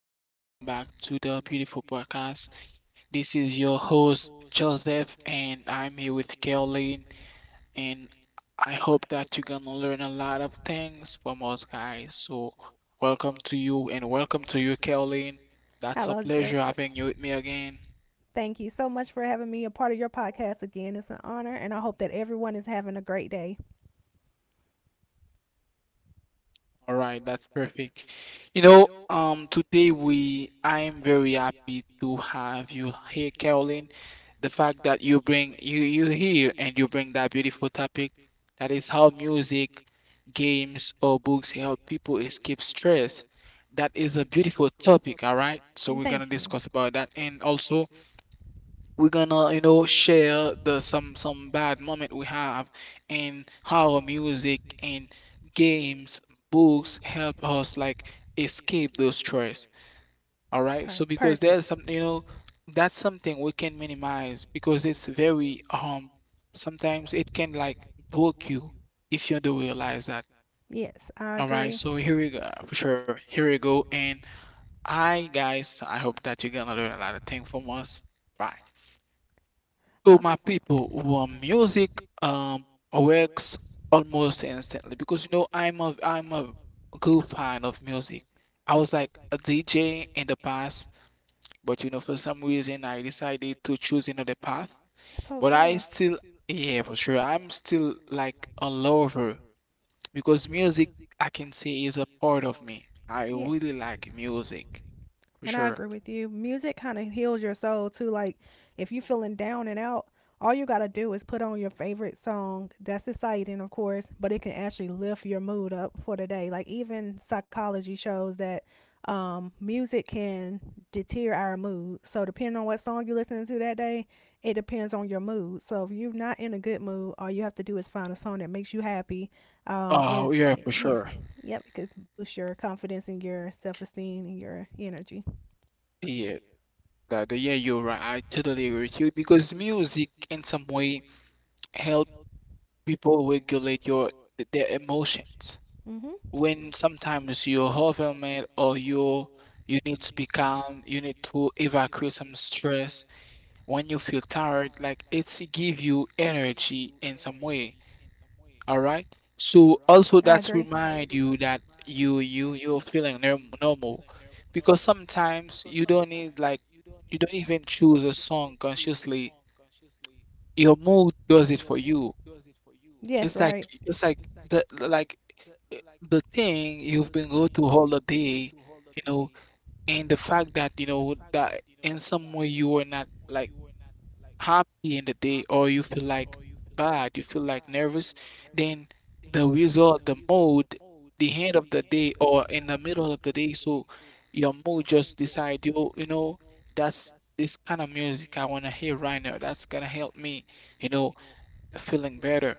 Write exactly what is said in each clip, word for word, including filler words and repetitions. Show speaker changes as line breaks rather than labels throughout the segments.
Uh, Welcome back to the beautiful podcast. This is your host Joseph, and I'm here with Caroline and I hope that you're gonna learn a lot of things from us guys. So welcome to you and welcome to you, Caroline. That's a
Hello,
pleasure
Joseph.
having you with me again.
Thank you so much for having me a part of your podcast again. It's an honor, and I hope that everyone is having a great day.
All right, that's perfect. You know, um, today we I am very happy to have you here, Caroline, the fact that you bring you you hear and you bring that beautiful topic, that is how music, games, or books help people escape stress. That is a beautiful topic. All right, so we're gonna
Thank you.
discuss about that, and also we're gonna, you know, share the some some bad moment we have and how music and games, books help us like escape those stress. All right. So
Per-
because there's
perfect.
some, you know, that's something we can minimize because it's very um sometimes it can like block you if you don't realize that.
Yes, I
All right.
agree.
So here we go. For sure. Here we go. And I guys, I hope that you're gonna learn a lot of things from us. Right. So my
Awesome.
people, well, music um works almost instantly because you know I'm a I'm a good fan of music. I was like a D J in the past. But you know, for some reason, I decided to choose another path.
That's so
But I
cool.
still, yeah, for sure, I'm still like a lover because music, I can say, is a part of me. I
Yeah.
really like music, for
And I
sure.
agree with you. Music kind of heals your soul too. Like if you're feeling down and out, all you got to do is put on your favorite song. That's exciting, of course, but it can actually lift your mood up for the day. Like even psychology shows that um, music can deter our mood. So depending on what song you're listening to that day, it depends on your mood. So if you're not in a good mood, all you have to do is find a song that makes you happy. Um, and
Oh, yeah, for
yeah.
sure.
Yep, it could boost your confidence and your self esteem and your energy.
Yeah, that, yeah, you're right. I totally agree with you because music, in some way, help people regulate your th- their emotions.
Mm-hmm.
When sometimes you're overwhelmed or you you need to be calm, you need to evacuate some stress. When you feel tired, like it's give you energy in some way. All right. So
I so
also
agree.
that's remind you that you you you're feeling norm normal, because sometimes you don't need like, you don't even choose a song consciously. Your mood does it for you.
Yes, right.
It's like it's like the the- like eh, the thing you've been go to all the day, you know, and the fact that you know that in some way you were not like happy in the day or you feel like bad, you feel like nervous, then the result, the mood, the end of the day or in the middle of the day, so your mood just decide, you you know, that's this kind of music I wanna hear right now. That's gonna help me, you know, feeling better.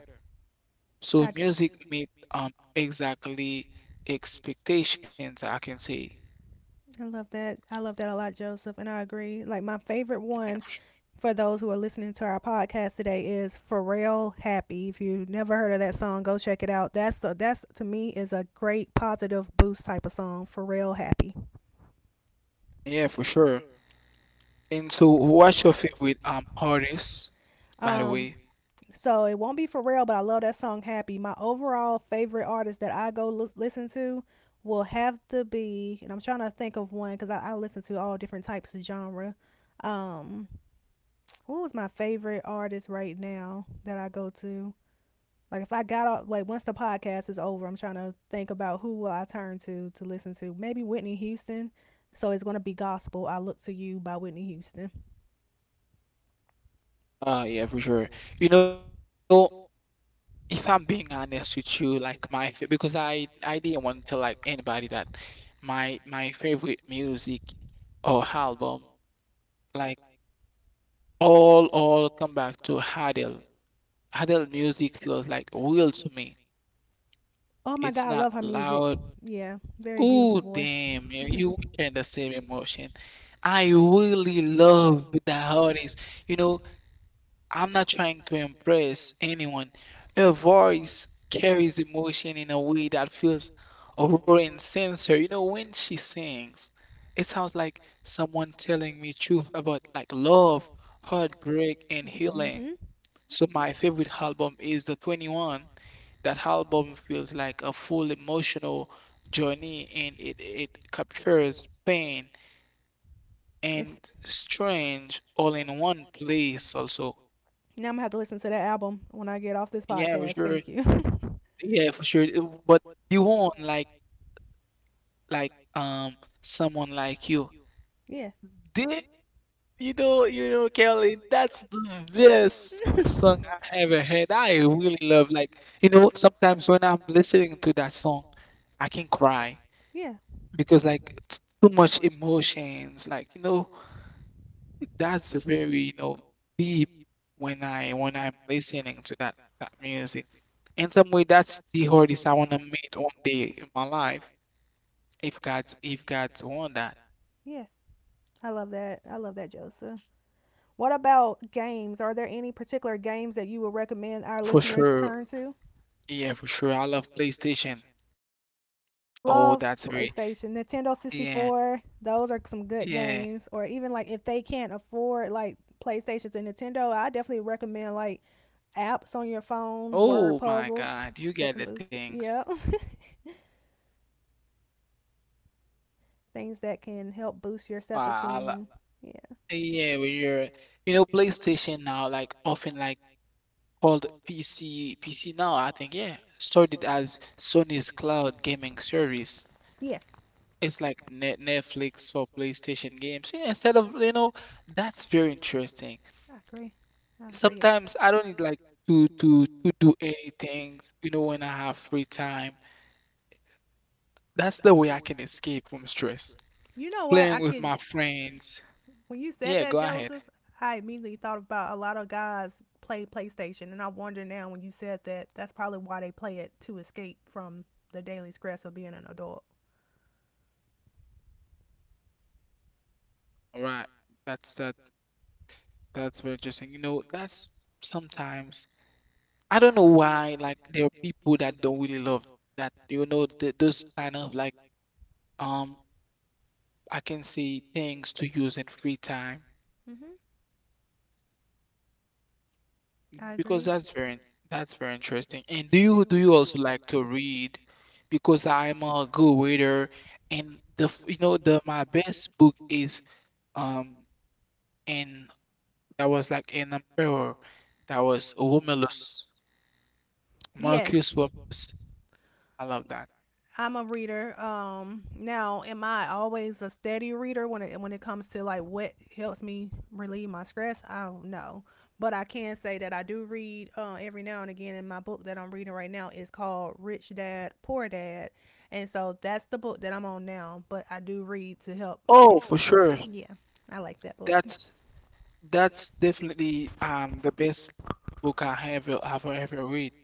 So
I do.
music meet um exactly expectations, I can say.
So I love that. I love that a lot, Joseph, and I agree. Like my favorite
Yeah,
one
for sure.
for those who are listening to our podcast today is Pharrell Happy. If you have never heard of that song, go check it out. That's a, that's to me is a great positive boost type of song. Pharrell Happy.
Yeah, for sure. And so what's your favorite um artist, by the
Um,
way?
so it won't be for real, but I love that song "Happy." My overall favorite artist that I go l- listen to will have to be, and I'm trying to think of one because I, I listen to all different types of genre. Um, who was my favorite artist right now that I go to? Like if I got off, like once the podcast is over, I'm trying to think about who will I turn to to listen to. Maybe Whitney Houston. So it's gonna be gospel. I look to you by Whitney Houston.
Uh, yeah, for sure. You know, if I'm being honest with you, like my fa- because I I didn't want to tell like anybody that my my favorite music or album, like all all come back to Hadel. Hadel music feels like real to me.
Oh my
It's
God, I
not
love her music.
loud.
Out. Yeah, very
Oh,
beautiful. Ooh, voice.
damn, man, you
And
share the
you
same emotion. I really love the artist. You know, I'm not trying to impress anyone. Her voice carries emotion in a way that feels raw and sincere. You know, when she sings, it sounds like someone telling me truth about like love,
and
heartbreak, and
heartbreak and you hmm
healing.
and
So my favorite album is the twenty-one. That album feels like a full emotional journey, and it, it captures pain
it's
and strange all in one place also.
now I'm gonna have to listen to that album when I get off this
Yeah, for
podcast.
sure.
Thank you.
Yeah, for sure. It- But you want like like um someone like you.
Yeah,
Did You know
you
you know Kelly, that's the best
just sung
song I ever heard.
every-
I really love like, you know, sometimes when I'm listening to that song I can cry,
yeah,
because like it's too much emotions, like you know, that's very, you know, deep. When i when i'm listening to that that music, in some way that's the artist I want to meet one day in my life, if god's if god's want that.
yeah. I love that. I love that, Joseph. What about games? Are there any particular games that you would recommend our
For
listeners
sure.
turn to?
Yeah, for sure, I love PlayStation. Oh,
Love
that's great.
PlayStation, Nintendo
Yeah.
sixty-four. Those are some good
Yeah.
games. Or even like if they can't afford like PlayStations and Nintendo, I definitely recommend like apps on your phone, word
Oh my
puzzles
god, you
that
get
can
the
boost it.
things.
Yeah. Things that can help boost your
Wow, I
self
lo-
esteem. Yeah.
yeah. When you're, you know, PlayStation now, like often like called P C P C Now, I think, yeah, started as Sony's cloud gaming service.
Yeah.
It's like Net Netflix for PlayStation games. Yeah, instead of, you know, that's very interesting.
I agree. I agree.
Sometimes I don't need like to to to do anything, you know, when I have free time. That's the way I can escape from stress.
You know what?
Playing
I
with
kid
my
you.
friends.
When you said
Yeah,
that,
go ahead.
Joseph, I immediately thought about a lot of guys play PlayStation, and I wonder now when you said that, that's probably why they play it to escape from the daily stress of being an adult.
All right. That's that that's very interesting. You know, that's sometimes, I don't know why, like there are people that don't really love that, you know, th those kind of like, um I can say, things to use in free time,
hmm I
because
agree.
that's very in- that's very interesting. And do you do you also like to read? Because I'm a good reader, and the f- you know the my best book is, um and that was like an emperor, that was Romulus,
Yes.
Marcus Romulus. I love that.
I'm a reader. Um, now, am I always a steady reader when it when it comes to like what helps me relieve my stress? I don't know, but I can say that I do read uh, every now and again. And my book that I'm reading right now is called Rich Dad Poor Dad, and so that's the book that I'm on now. But I do read to help. If,
Oh, for sure.
Yeah, I like that book.
That's That's definitely um the best book I have ever have ever read.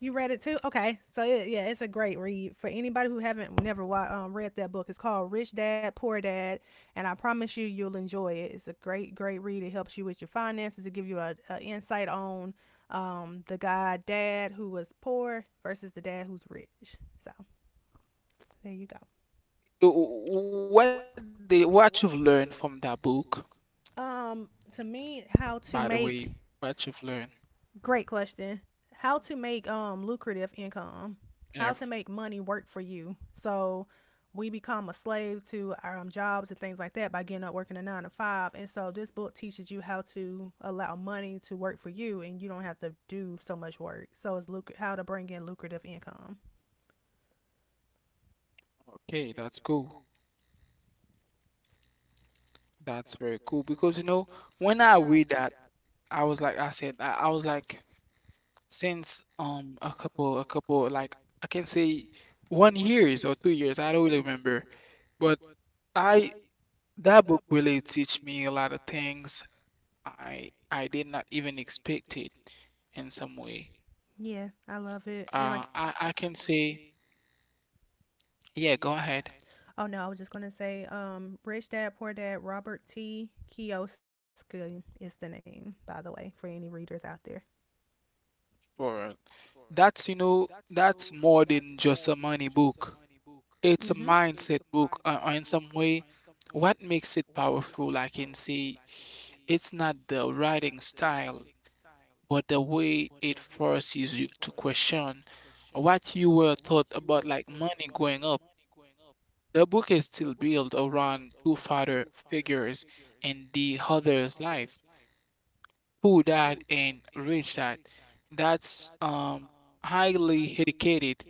You read it too? Okay. So it, yeah, it's a great read for anybody who haven't never wa- um, read that book. It's called Rich Dad Poor Dad, and I promise you, you'll enjoy it. It's a great, great read. It helps you with your finances. It gives you a, a insight on um, the guy dad who was poor versus the dad who's rich. So there you go.
Uh, What the what you've learned from that book,
Um, to me, how to
by the
make
way, what you've learned.
Great question. How to make um lucrative income? How
Yeah,
to make money work for you? So we become a slave to our um, jobs and things like that by getting up working a nine to five. And so this book teaches you how to allow money to work for you, and you don't have to do so much work. So it's luc- how to bring in lucrative income.
okay, that's cool. That's very cool because you know when I read that, I was like I said I, I was like since um a couple a couple, like I can say, one years or two years, I don't really remember, but I that book really teach me a lot of things. I I did not even expect it in some way.
Yeah, I love it. And
Uh,
like,
I I can say, yeah, go ahead.
oh no, I was just gonna say, um, Rich Dad Poor Dad Robert T. Kiyosaki is the name, by the way, for any readers out there.
For, that's, you know, that's more than just a money book.
Mm-hmm.
It's a mindset book, uh, uh, in some way. What makes it powerful, I can say, it's not the writing style, but the way it forces you to question what you were taught about like money growing up. The book is still built around two father figures in the other's life, poor dad and rich dad. That's um, highly educated,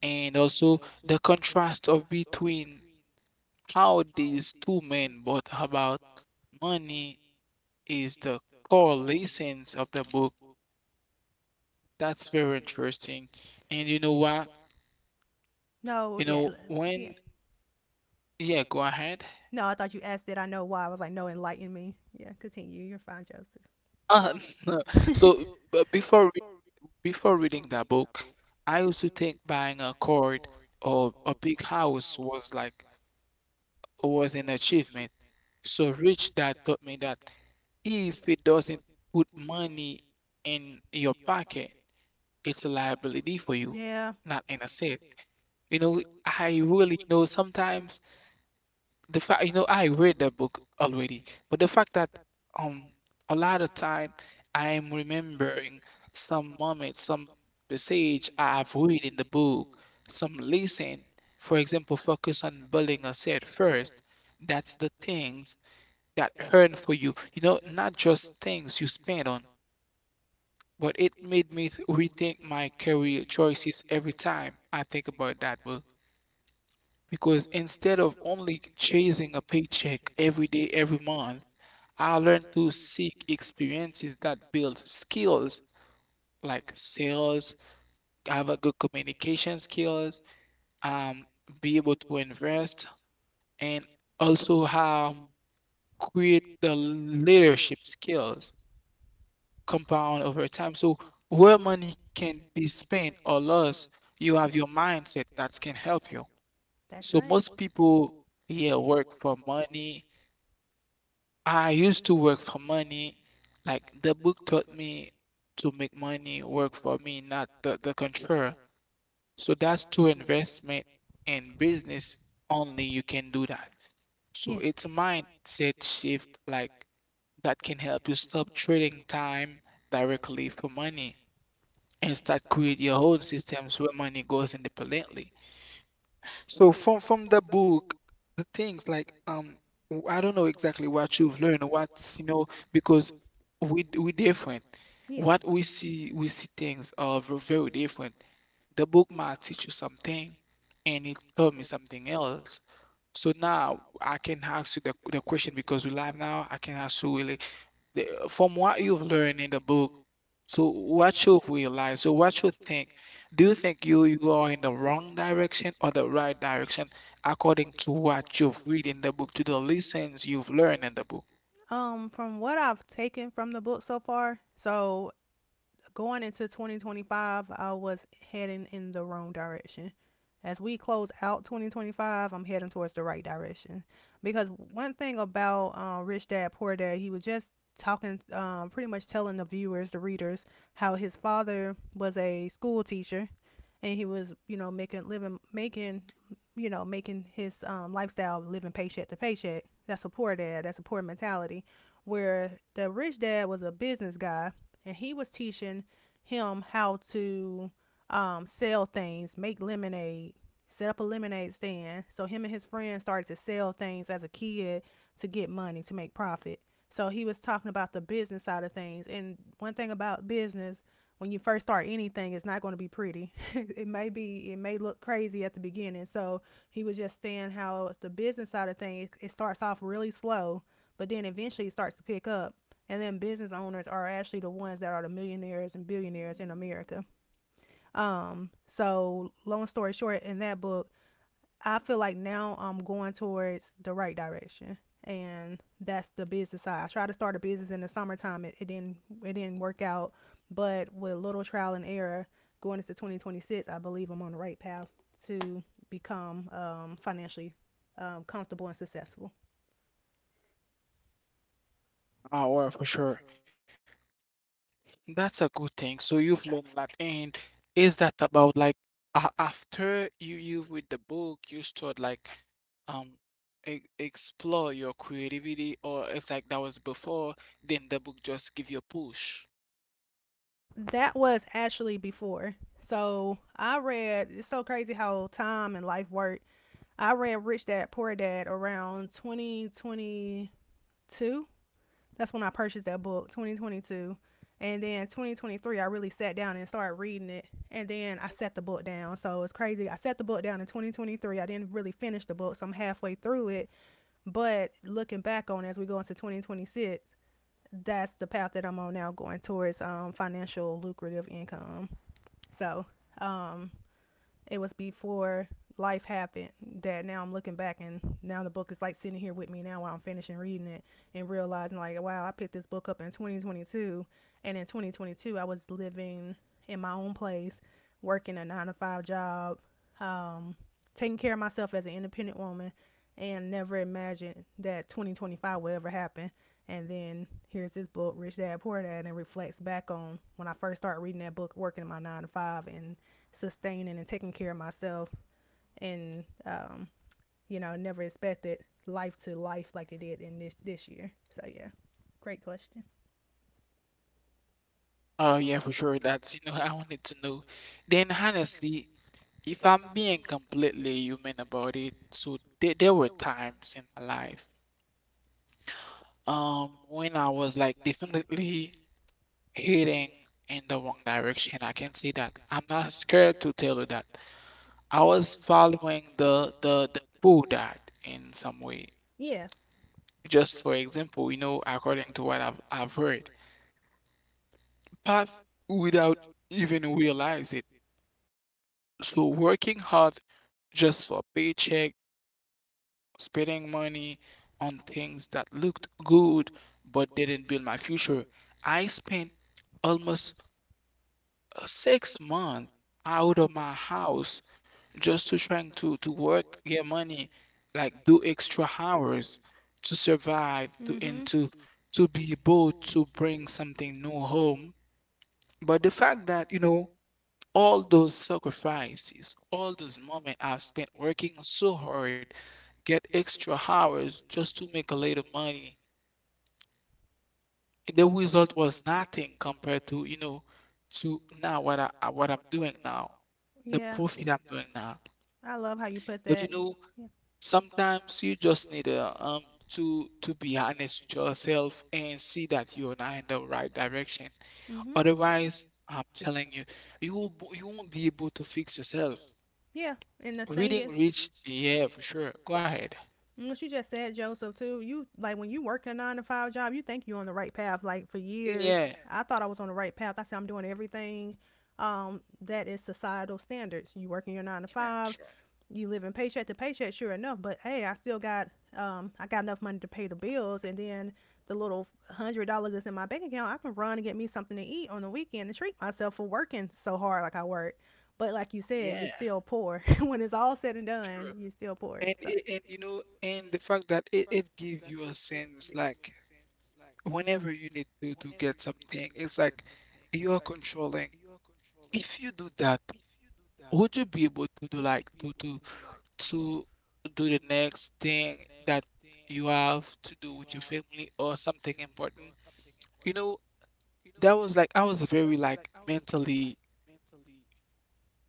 and also the contrast of between how these two men brought about money is the core lessons of the book. That's very interesting, and you know what?
No,
You
yeah,
know
l- yeah.
when? Yeah, go ahead.
No, I thought you asked that. I know why. I was like, no, enlighten me. Yeah, continue. You're fine, Joseph.
Uh, no. so, but before Before reading that book, I used to think buying a car or a big house was like was an achievement. So Rich Dad taught me that if it doesn't put money in your pocket, it's a liability for you,
Yeah,
not an asset. You know, I really, you know, sometimes the fact, you know, I read the book already, but the fact that um a lot of time I am remembering some moments, some passage I have read in the book, some lesson. For example, focus on building a set first. That's the things that earn for you. You know, not just things you spend on, but it made me th- rethink my career choices every time I think about that book. Because instead of only chasing a paycheck every day, every month, I learned to seek experiences that build skills like sales, have a good communication skills, um, be able to invest, and also um, create the leadership skills compound over time. So where money can be spent or lost, you have your mindset that can help you.
that's so
So
right.
most people, yeah, work for money. I used to work for money. Like the book taught me to make money work for me, not the, the contrary. So that's true investment and business. Only you can do that. So
Yeah.
it's a mindset shift like that can help you stop trading time directly for money and start create your own systems where money goes independently. So from from the book, the things like um w- I don't know exactly what you've learned, what's, you know, because we we different.
Yeah.
What we see, we see things are v- very different. The book might teach you something and it taught me something else. So now I can ask you the the question because we live now, I can ask you really the, from what you've learned in the book, so what you realize, so what you think, do you think you you are in the wrong direction or the right direction according to what you've read in the book, to the lessons you've learned in the book?
Um, from what I've taken from the book so far, so going into twenty twenty-five, I was heading in the wrong direction. As we close out twenty twenty-five, I'm heading towards the right direction. Because one thing about uh, Rich Dad Poor Dad, he was just talking, um, pretty much telling the viewers, the readers, how his father was a school teacher, and he was, you know, making living, making, you know, making his um, lifestyle living paycheck to paycheck. That's a poor dad. That's a poor mentality where the rich dad was a business guy and he was teaching him how to um, sell things, make lemonade, set up a lemonade stand. So him and his friends started to sell things as a kid to get money to make profit. So he was talking about the business side of things. And one thing about business, when you first start anything, it's not going to be pretty. It may be, it may look crazy at the beginning. So he was just saying how the business side of things, it starts off really slow, but then eventually it starts to pick up. And then business owners are actually the ones that are the millionaires and billionaires in America. Um, so long story short, in that book, I feel like now I'm going towards the right direction. And that's the business side. I tried to start a business in the summertime. It, it didn't it didn't work out. But with a little trial and error going into twenty twenty-six, I believe I'm on the right path to become um, financially um, comfortable and successful.
Oh, well, for sure. That's a good thing. So you've learned a lot. And is that about like a after you you read the book, you start like um e explore your creativity, or it's like that was before, then the book just give you a push.
That was actually before. So I read, it's so crazy how time and life work. I ran Rich Dad Poor Dad around twenty twenty-two. That's when I purchased that book, twenty twenty-two. And then twenty twenty-three, I really sat down and started reading it. And then I set the book down. So it's crazy. I set the book down in twenty twenty-three. I didn't really finish the book, so I'm halfway through it. But looking back on it as we go into twenty twenty-six, that's the path that I'm on now, going towards um, financial lucrative income. So it was before life happened that now I'm looking back and now the book is like sitting here with me now while I'm finishing reading it and realizing like wow I picked this book up in twenty twenty-two and in twenty twenty-two I was living in my own place working a nine to five job um taking care of myself as an independent woman and never imagined that twenty twenty-five would ever happen. And then here's this book Rich Dad Poor Dad and it reflects back on when I first started reading that book working in my nine to five and sustaining and taking care of myself and um, you know, never expected life to life like it did in this this year. So yeah. Great question.
Oh yeah, for sure. That's, you know, I wanted to know. Then honestly, if I'm being completely human about it, so there, there were times in my life, um, when I was like definitely heading in the wrong direction. I can say that. I'm not scared to tell you that. I was following the the the pull that in some way.
Yeah.
Just for example, you know, according to what I've I've heard, path without even realize it. So working hard just for paycheck, spending money on things that looked good but didn't build my future. I spent almost uh, six months out of my house just to trying to, to work, get money, like do extra hours to survive, to
hmm
and to to be able to bring something new home. But the fact that, you know, all those sacrifices, all those moments I've spent working so hard, get extra hours just to make a little money. The result was nothing compared to, you know, to now what I I- what I'm doing now, the
Yeah.
profit I'm doing now.
I love how you put
But you
that.
know, sometimes you just need uh, um to to be honest with yourself and see that you're not in the right direction.
Mm-hmm.
Otherwise, I'm telling you, you will, you won't be able to fix yourself.
Yeah. And the thing
Reading
is,
Rich, yeah, for sure. Go ahead.
what you just said, Joseph, too. You like when you work a nine to five job, you think you're on the right path. Like for years,
Yeah,
I thought I was on the right path. I said I'm doing everything um, that is societal standards. You work in your nine to
yeah, for
five,
sure.
you living paycheck to paycheck, sure enough. But hey, I still got um I got enough money to pay the bills, and then the little hundred dollars that's in my bank account, I can run and get me something to eat on the weekend to treat myself for working so hard like I work. But like you said, you're
Yeah,
still poor. When it's all said and
for sure.
done, you're still poor.
And
So
it, and you know, and the fact that it, it gives you a sense like whenever you need to to get something, it's like you are controlling. If you do that, would you be able to do like to to to do the next thing that you have to do with your family or something important? You know, that was like I was very like mentally. um.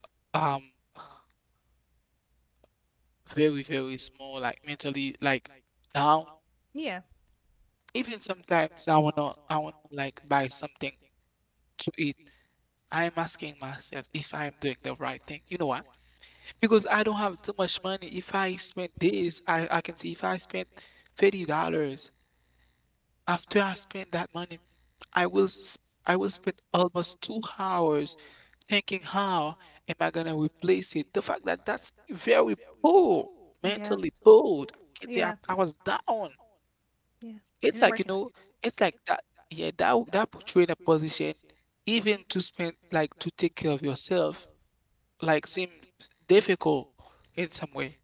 Very, very small, like mentally like down.
yeah,
Even sometimes I wanna I wanna like buy something to eat. I am asking myself if I am doing the right thing. You know why? Because I don't have too much money. If I spend this, I, I can see if I spend thirty dollars, after I spend that money, I will s- I will spend almost two hours thinking how am I gonna replace it. The fact that that's very poor,
yeah,
mentally bored. I can say I'm,
yeah,
I was down.
yeah. And
It's
then It's
like, you
working. It's
know, it's like that, yeah, that w that put you in a position even to spend like, to take care of yourself, like, seems difficult in some way.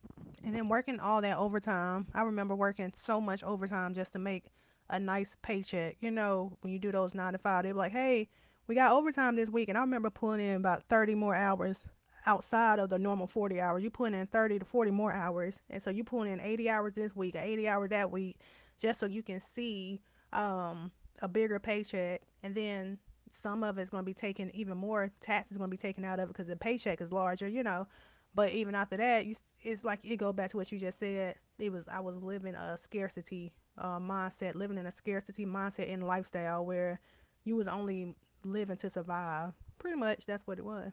And then working all that overtime. I remember working so much overtime just to make a nice paycheck. You know, when you do those nine to five, they're like, hey, we got overtime this week. And I remember pulling in about thirty more hours outside of the normal forty hours. You're putting in thirty to forty more hours. And so you're pulling in eighty hours this week, eighty hours that week, just so you can see um, a bigger paycheck. And then some of it's going to be taken. Even more tax is going to be taken out of it because the paycheck is larger, you know. But even after that, you, it's like it go back to what you just said. It was I was living a scarcity uh, mindset, living in a scarcity mindset and lifestyle where you was only living to survive. Pretty much, that's what it was.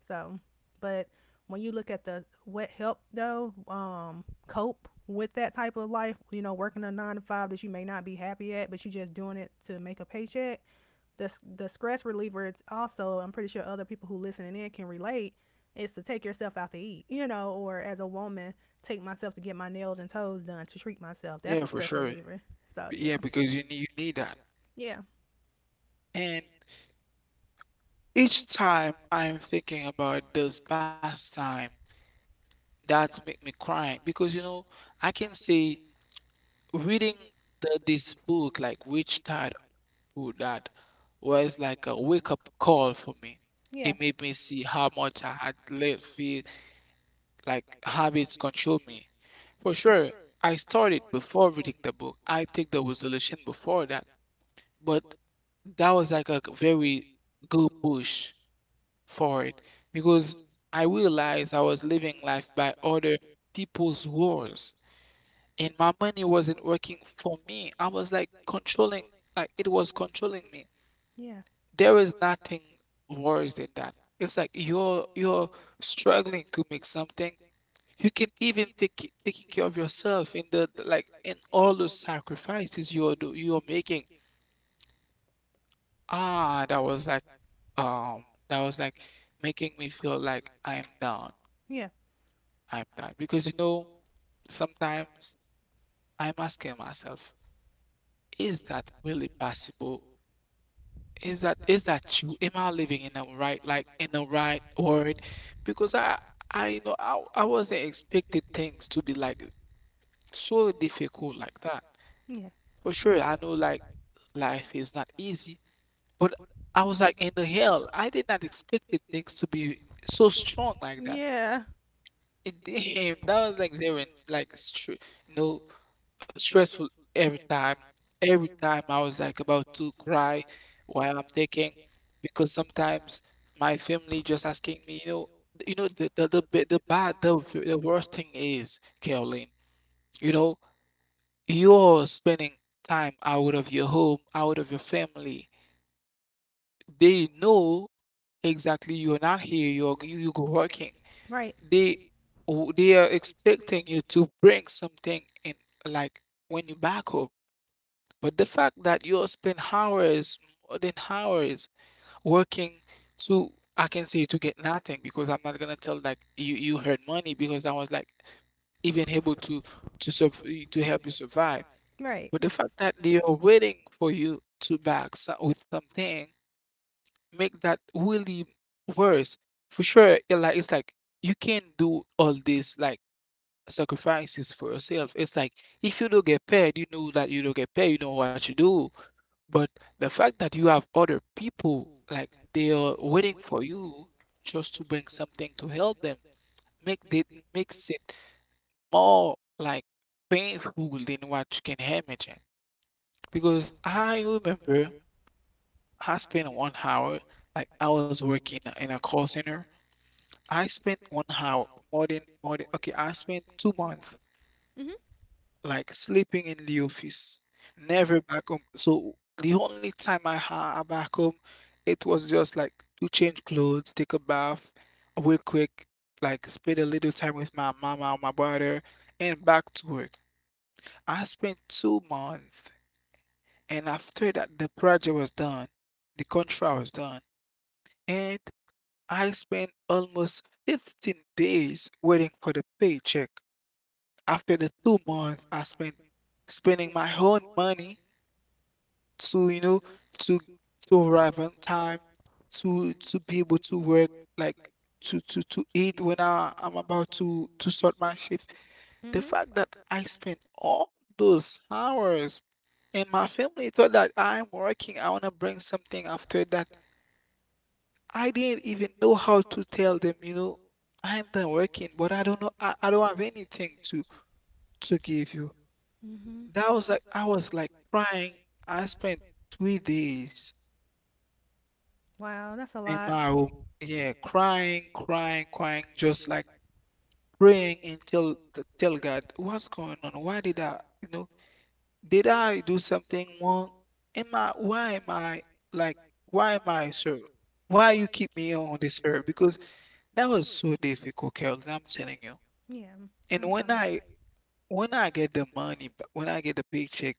So, but when you look at the what help though, um, cope with that type of life, you know, working a nine to five that you may not be happy at, but you just doing it to make a paycheck, the the stress reliever, it's also I'm pretty sure other people who listening in can relate, is to take yourself out to eat, you know, or as a woman take myself to get my nails and toes done to treat myself. That's a
Yeah,
stress
for sure.
reliever. So
B-
yeah.
Yeah, because you nee you need that.
Yeah,
And each time I'm thinking about this past time, that's make me crying because, you know, I can say reading the this book, like, Rich Dad Poor Dad was like a wake-up call for me.
yeah,
It made me see how much I had lived like habits control me. For sure, I started before reading the book. I take the resolution before that, but that was like a very good push for it because I realized I was living life by other people's rules and my money wasn't working for me. I was like controlling, like it was controlling me.
yeah.
There is nothing worse than that. It's like you're you're struggling to make something. You can even take taking care of yourself in the the- like in all those sacrifices you're do you're making. Ah, that was like um that was like making me feel like I am down.
Yeah,
I'm down because you know sometimes I'm asking myself, is that really possible? Is that is that true? Am I living in the right, like in the right world? Because I I you know I I wasn't expecting things to be like so difficult like that.
yeah,
For sure, I know like life is not easy, but I was like, in the hell, I did not expect the things to be so strong like that.
yeah, that.
And damn, that was like very like stre- you know, stressful every time. Every time I was like about to cry while I'm thinking, because sometimes my family just asking me, you know, you know the the the, bi- the bad the, the worst thing is, Caroline, you know. You're spending time out of your home, out of your family. They know exactly you're not here, you're you, you go working.
Right,
They w- they are expecting you to bring something in like when you back home. But the fact that you spend hours, more than hours working to, I can say, to get nothing because I'm not gonna tell like you you earn money because I was like even able to to surv to help you survive.
right.
But the fact that they are waiting for you to back so- with something make that really worse. For sure, yeah, like it's like you can't do all these like sacrifices for yourself. It's like if you don't get paid, you know that you don't get paid, you know what you do. But the fact that you have other people like they are waiting for you just to bring something to help them make it makes it more like painful than what you can imagine. Because I remember I spent one hour, like I was working in a call center. I spent one hour more than more than okay, I spent two months
Mhm.
like sleeping in the office, never back home. So the only time I had back home, it was just like to change clothes, take a bath, real quick, like spend a little time with my mama or my brother, and back to work. I spent two months, and after that, the project was done, the contract was done. And. I spent almost fifteen days waiting for the paycheck. After the two months, I spent spending my own money to, you know, to to arrive on time, to to be able to work, like to to to eat when I I'm about to to start my shift. The
Mhm.
fact that I spent all those hours and my family thought that I'm working, I wanna bring something after that. I didn't even know how to tell them, you know, I'm done working, but I don't know, I, I don't have anything to to give you.
Mhm.
That was like I was like crying. I spent three days
Wow, that's a
in
lot.
my room, yeah, crying, crying, crying, just like praying and tell to tell God what's going on. Why did I, you know, did I do something wrong? Am I? Why am I like? Why am I so? Why you keep me on this earth? Because that was so difficult, Carol. I'm telling you.
Yeah,
And
I'm
when
sorry.
I when I get the money, ba- when I get the paycheck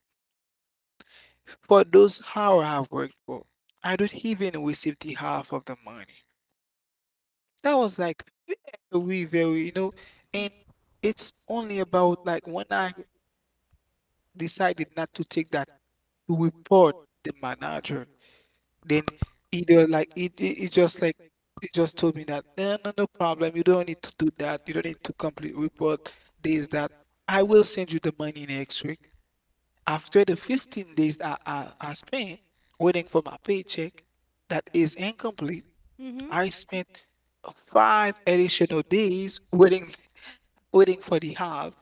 for those hours I've worked for, I don't even receive the half of the money. That was like very, very, you know, and
Yeah.
it's only about like when I decided not to take that to report the manager, then either like it, it, it just like it just told me that no, no, no problem. You don't need to do that. You don't need to complete report this, that. I will send you the money next week. After the fifteen days I, I, I spent waiting for my paycheck that is incomplete,
Mm. Mhm.
I spent five additional days waiting waiting for the half.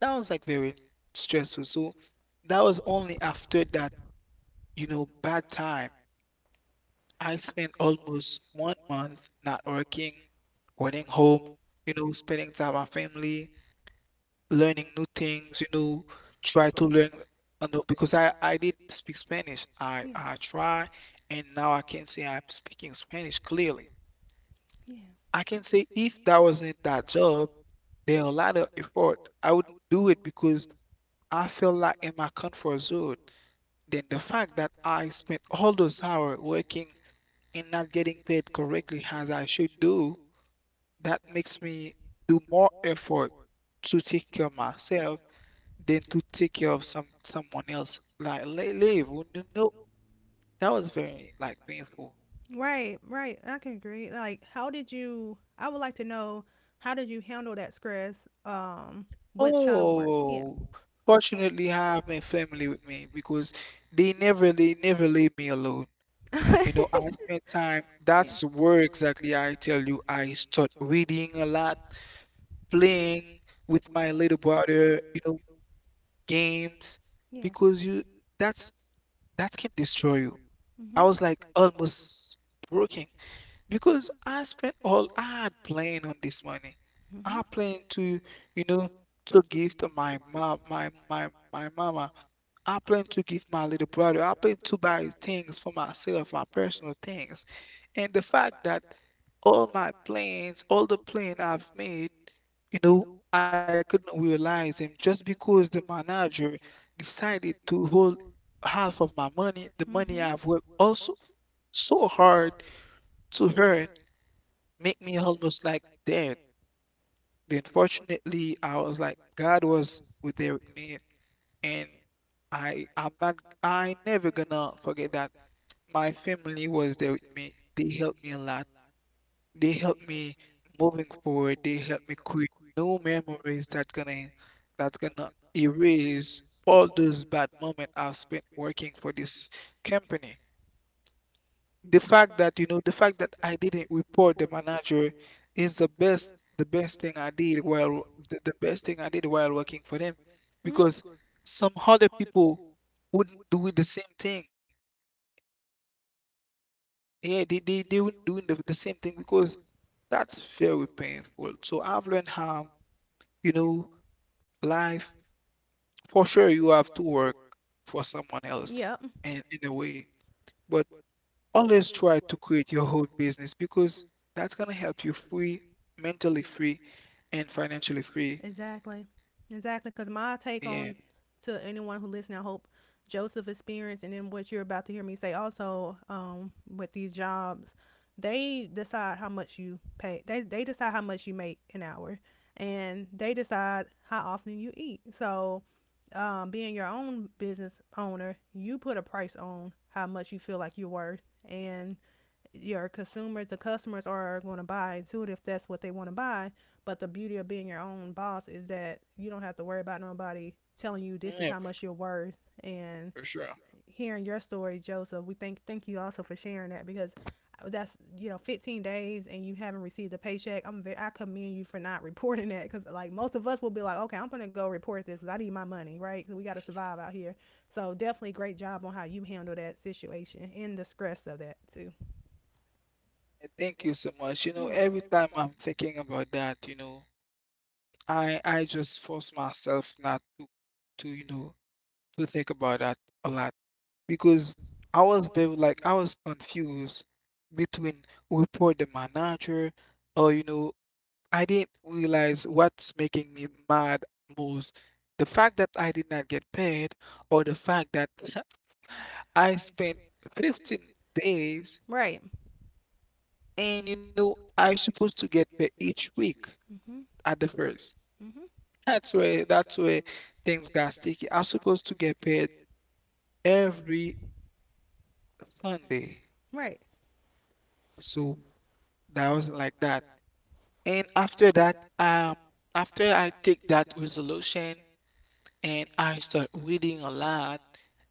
That was like very stressful. So that was only after that, you know, bad time. I spent almost one month not working, running home, you know, spending time with my family, learning new things, you know, try to learn, uh, no, because I, I did speak Spanish. I,
Yeah.
I try, and now I can say I'm speaking Spanish clearly.
Yeah.
I can say if that wasn't that job, there are a lot of effort. I wouldn't do it because I feel like in my comfort zone. Then the fact that I spent all those hours working and not getting paid correctly as I should do, that makes me do more effort to take care of myself than to take care of some someone else. Like li- live, well, no, no, that was very like painful.
Right, right. I can agree. Like, how did you? I would like to know, how did you handle that stress? Um, with trying to work. Yeah.
Oh, fortunately, I have my family with me because they never they never leave me alone.
Oh, time.
You know, I spend time.
Yeah.
That's where exactly I tell you I start reading a lot, playing with my little brother. You know, games
Yeah.
because you that's that can destroy you. I
Mhm.
was like almost broken. Because I spent all I had planned on this money. I
Mhm.
planned to, you know, to give to my mom, my my my mama. I planned to give my little brother. I planned to buy things for myself, my personal things. And the fact that all my plans, all the plan I've made, you know, I couldn't realize him just because the manager decided to hold half of my money, the money
Mhm.
I've worked also so hard to earn make me almost like dead. Then fortunately, I was like, God was with there with me, and I I'm not I never gonna forget that my family was there with me. They helped me a lot. They helped me moving forward. They helped me create new memories that gonna that's gonna erase all those bad moments I've spent working for this company. the fact that you know the fact that I didn't report the manager is the best the best thing I did while the, the best thing I did while working for them.
Mhm.
Because some other people wouldn't do the same thing, yeah, they they, they wouldn't do the, the same thing because that's very painful. So I've learned how you know life, for sure, you have to work for someone else
Yep.
in, in a way, but always try to create your own business, because that's gonna help you free, mentally free, and financially free.
Exactly. Exactly. Because my take on. Yeah.
Yeah.
To anyone who listening, I hope Joseph experience and then what you're about to hear me say also, um, with these jobs, they decide how much you pay. They, they decide how much you make an hour, and they decide how often you eat. So, um, being your own business owner, you put a price on how much you feel like you're worth, and your consumers, the customers, are going to buy into it if that's what they want to buy. But the beauty of being your own boss is that you don't have to worry about nobody telling you this is
Yeah,
how
for
much you're worth. And
for sure.
hearing your story, Joseph, we thank thank you also for sharing that, because that's, you know, fifteen days and you haven't received a paycheck. I'm very, I commend you for not reporting that, because like most of us will be like, okay, I'm gonna go report this because I need my money, right? Because we got to survive out here. So definitely great job on how you handle that situation and the stress of that too.
Yeah, thank you so much. You know, every time I'm thinking about that, you know, I I just force myself not to to you know to think about that a lot, because I was very, like, I was confused between, report the manager, or you know I didn't realize what's making me mad most, the fact that I did not get paid, or the fact that I spent fifteen days.
Right.
And you know I'm supposed to get paid each week
Mhm.
at the first.
Mhm.
That's where that's where things got sticky. I was supposed to get paid every Sunday,
Right.
so that wasn't like that. And after that, um, after I take that resolution, and I start reading a lot,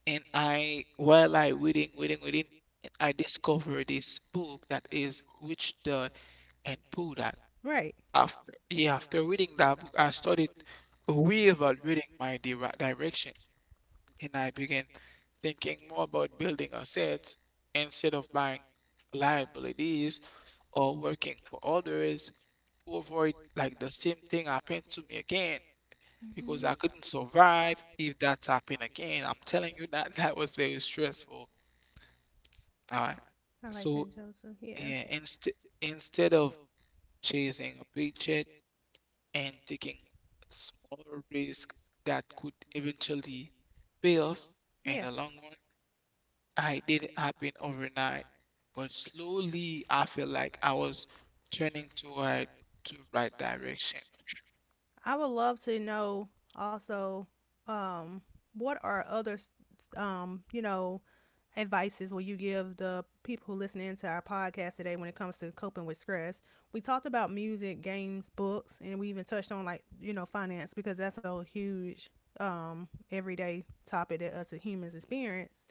and I while I reading, reading, reading, and I discover this book that is Rich Dad and Poor Dad.
Right.
After yeah, after reading that book, I started reevaluating my dire direction. And I began thinking more about building assets instead of buying liabilities or working for others, to avoid like the same thing happened to me again, because
Mhm.
I couldn't survive if that happened again. I'm telling you that that was very stressful. All right.
I like
So,
Joseph. Yeah.
yeah, inst- instead of chasing a paycheck and taking small risk that could eventually pay off
Yeah.
in the long run. I didn't happen overnight, but slowly I feel like I was turning toward to right direction, for sure.
I would love to know also, um, what are other, um, you know, advices will you give the people who listen into our podcast today when it comes to coping with stress? We talked about music, games, books, and we even touched on, like, you know, finance, because that's a huge, um, everyday topic that us as humans experience.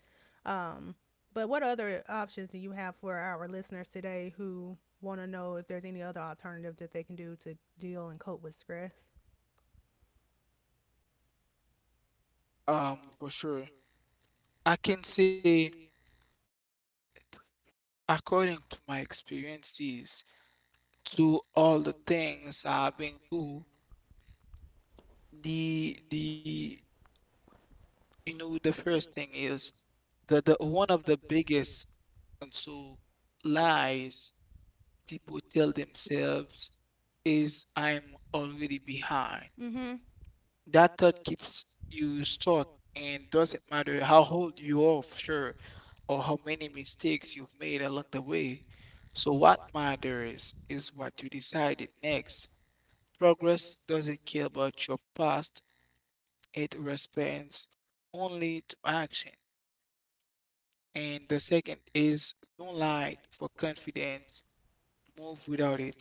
Um, but what other options do you have for our listeners today who want to know if there's any other alternative that they can do to deal and cope with stress?
Um, for sure. I can say, according to my experiences, to all the things I've been through, The the you know the first thing is the the one of the biggest and so lies people tell themselves is, I'm already behind.
Mm-hmm.
That thought keeps you stuck, and doesn't matter how old you are, for sure, or how many mistakes you've made along the way. So what matters is what you decided next. Progress doesn't care about your past, it responds only to action. And the second is, don't lie for confidence, move without it.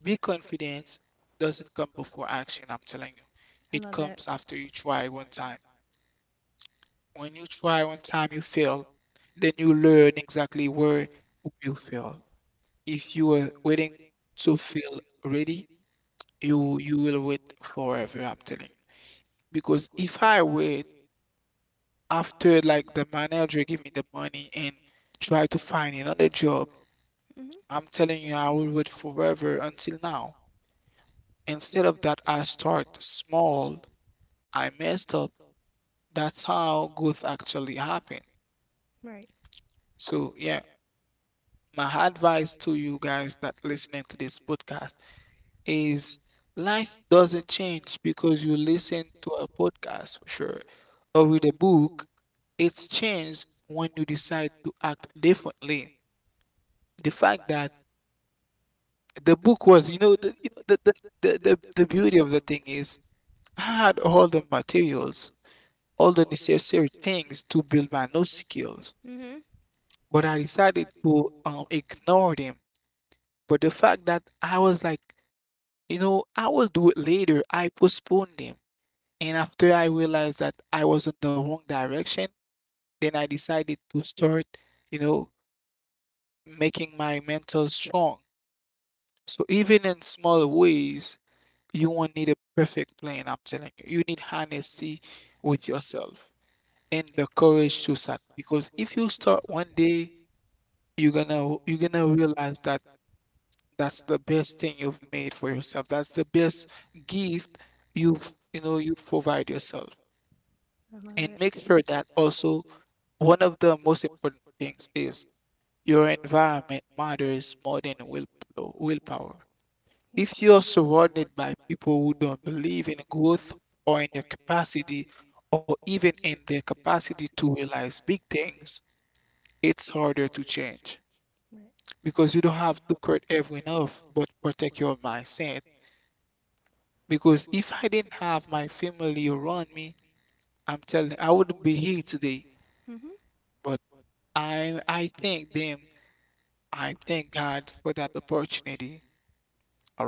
Be confident doesn't come before action, I'm telling you.
I
It
love that.
comes after you try one time. When you try one time, you fail, then you learn exactly where you fail. If you are waiting to feel ready, you you will wait forever, I'm telling you. Because if I wait after like the manager give me the money and try to find another job,
Mm-hmm.
I'm telling you, I will wait forever until now. Instead of that, I start small. I messed up. That's how growth actually happened.
Right.
So, yeah, my advice to you guys that listening to this podcast is, life doesn't change because you listen to a podcast, for sure, or read a book. It's changed when you decide to act differently. The fact that the book was, you know, the, you know, the, the, the, the the beauty of the thing is, I had all the materials, all the necessary things to build my new skills,
Mm-hmm.
but I decided to um, ignore them. But the fact that I was like, you know, I will do it later, I postponed them. And after I realized that I was in the wrong direction, then I decided to start, you know, making my mental strong. So even in small ways, you won't need a perfect plan, I'm telling you. You need honesty with yourself, and the courage to start. Because if you start one day, you're gonna you're gonna realize that that's the best thing you've made for yourself, that's the best gift you've you know you provide yourself.
I
And
love that.
make sure that also, one of the most important things is, your environment matters more than will willpower.
Yeah.
If you're surrounded by people who don't believe in growth, or in your capacity, or even in their capacity to realize big things, it's harder to change,
Right.
because you don't have to cut everyone off, but protect your mindset. Because if I didn't have my family around me, I'm telling I wouldn't be here today.
Mm-hmm.
But I I thank them. I thank God for that opportunity.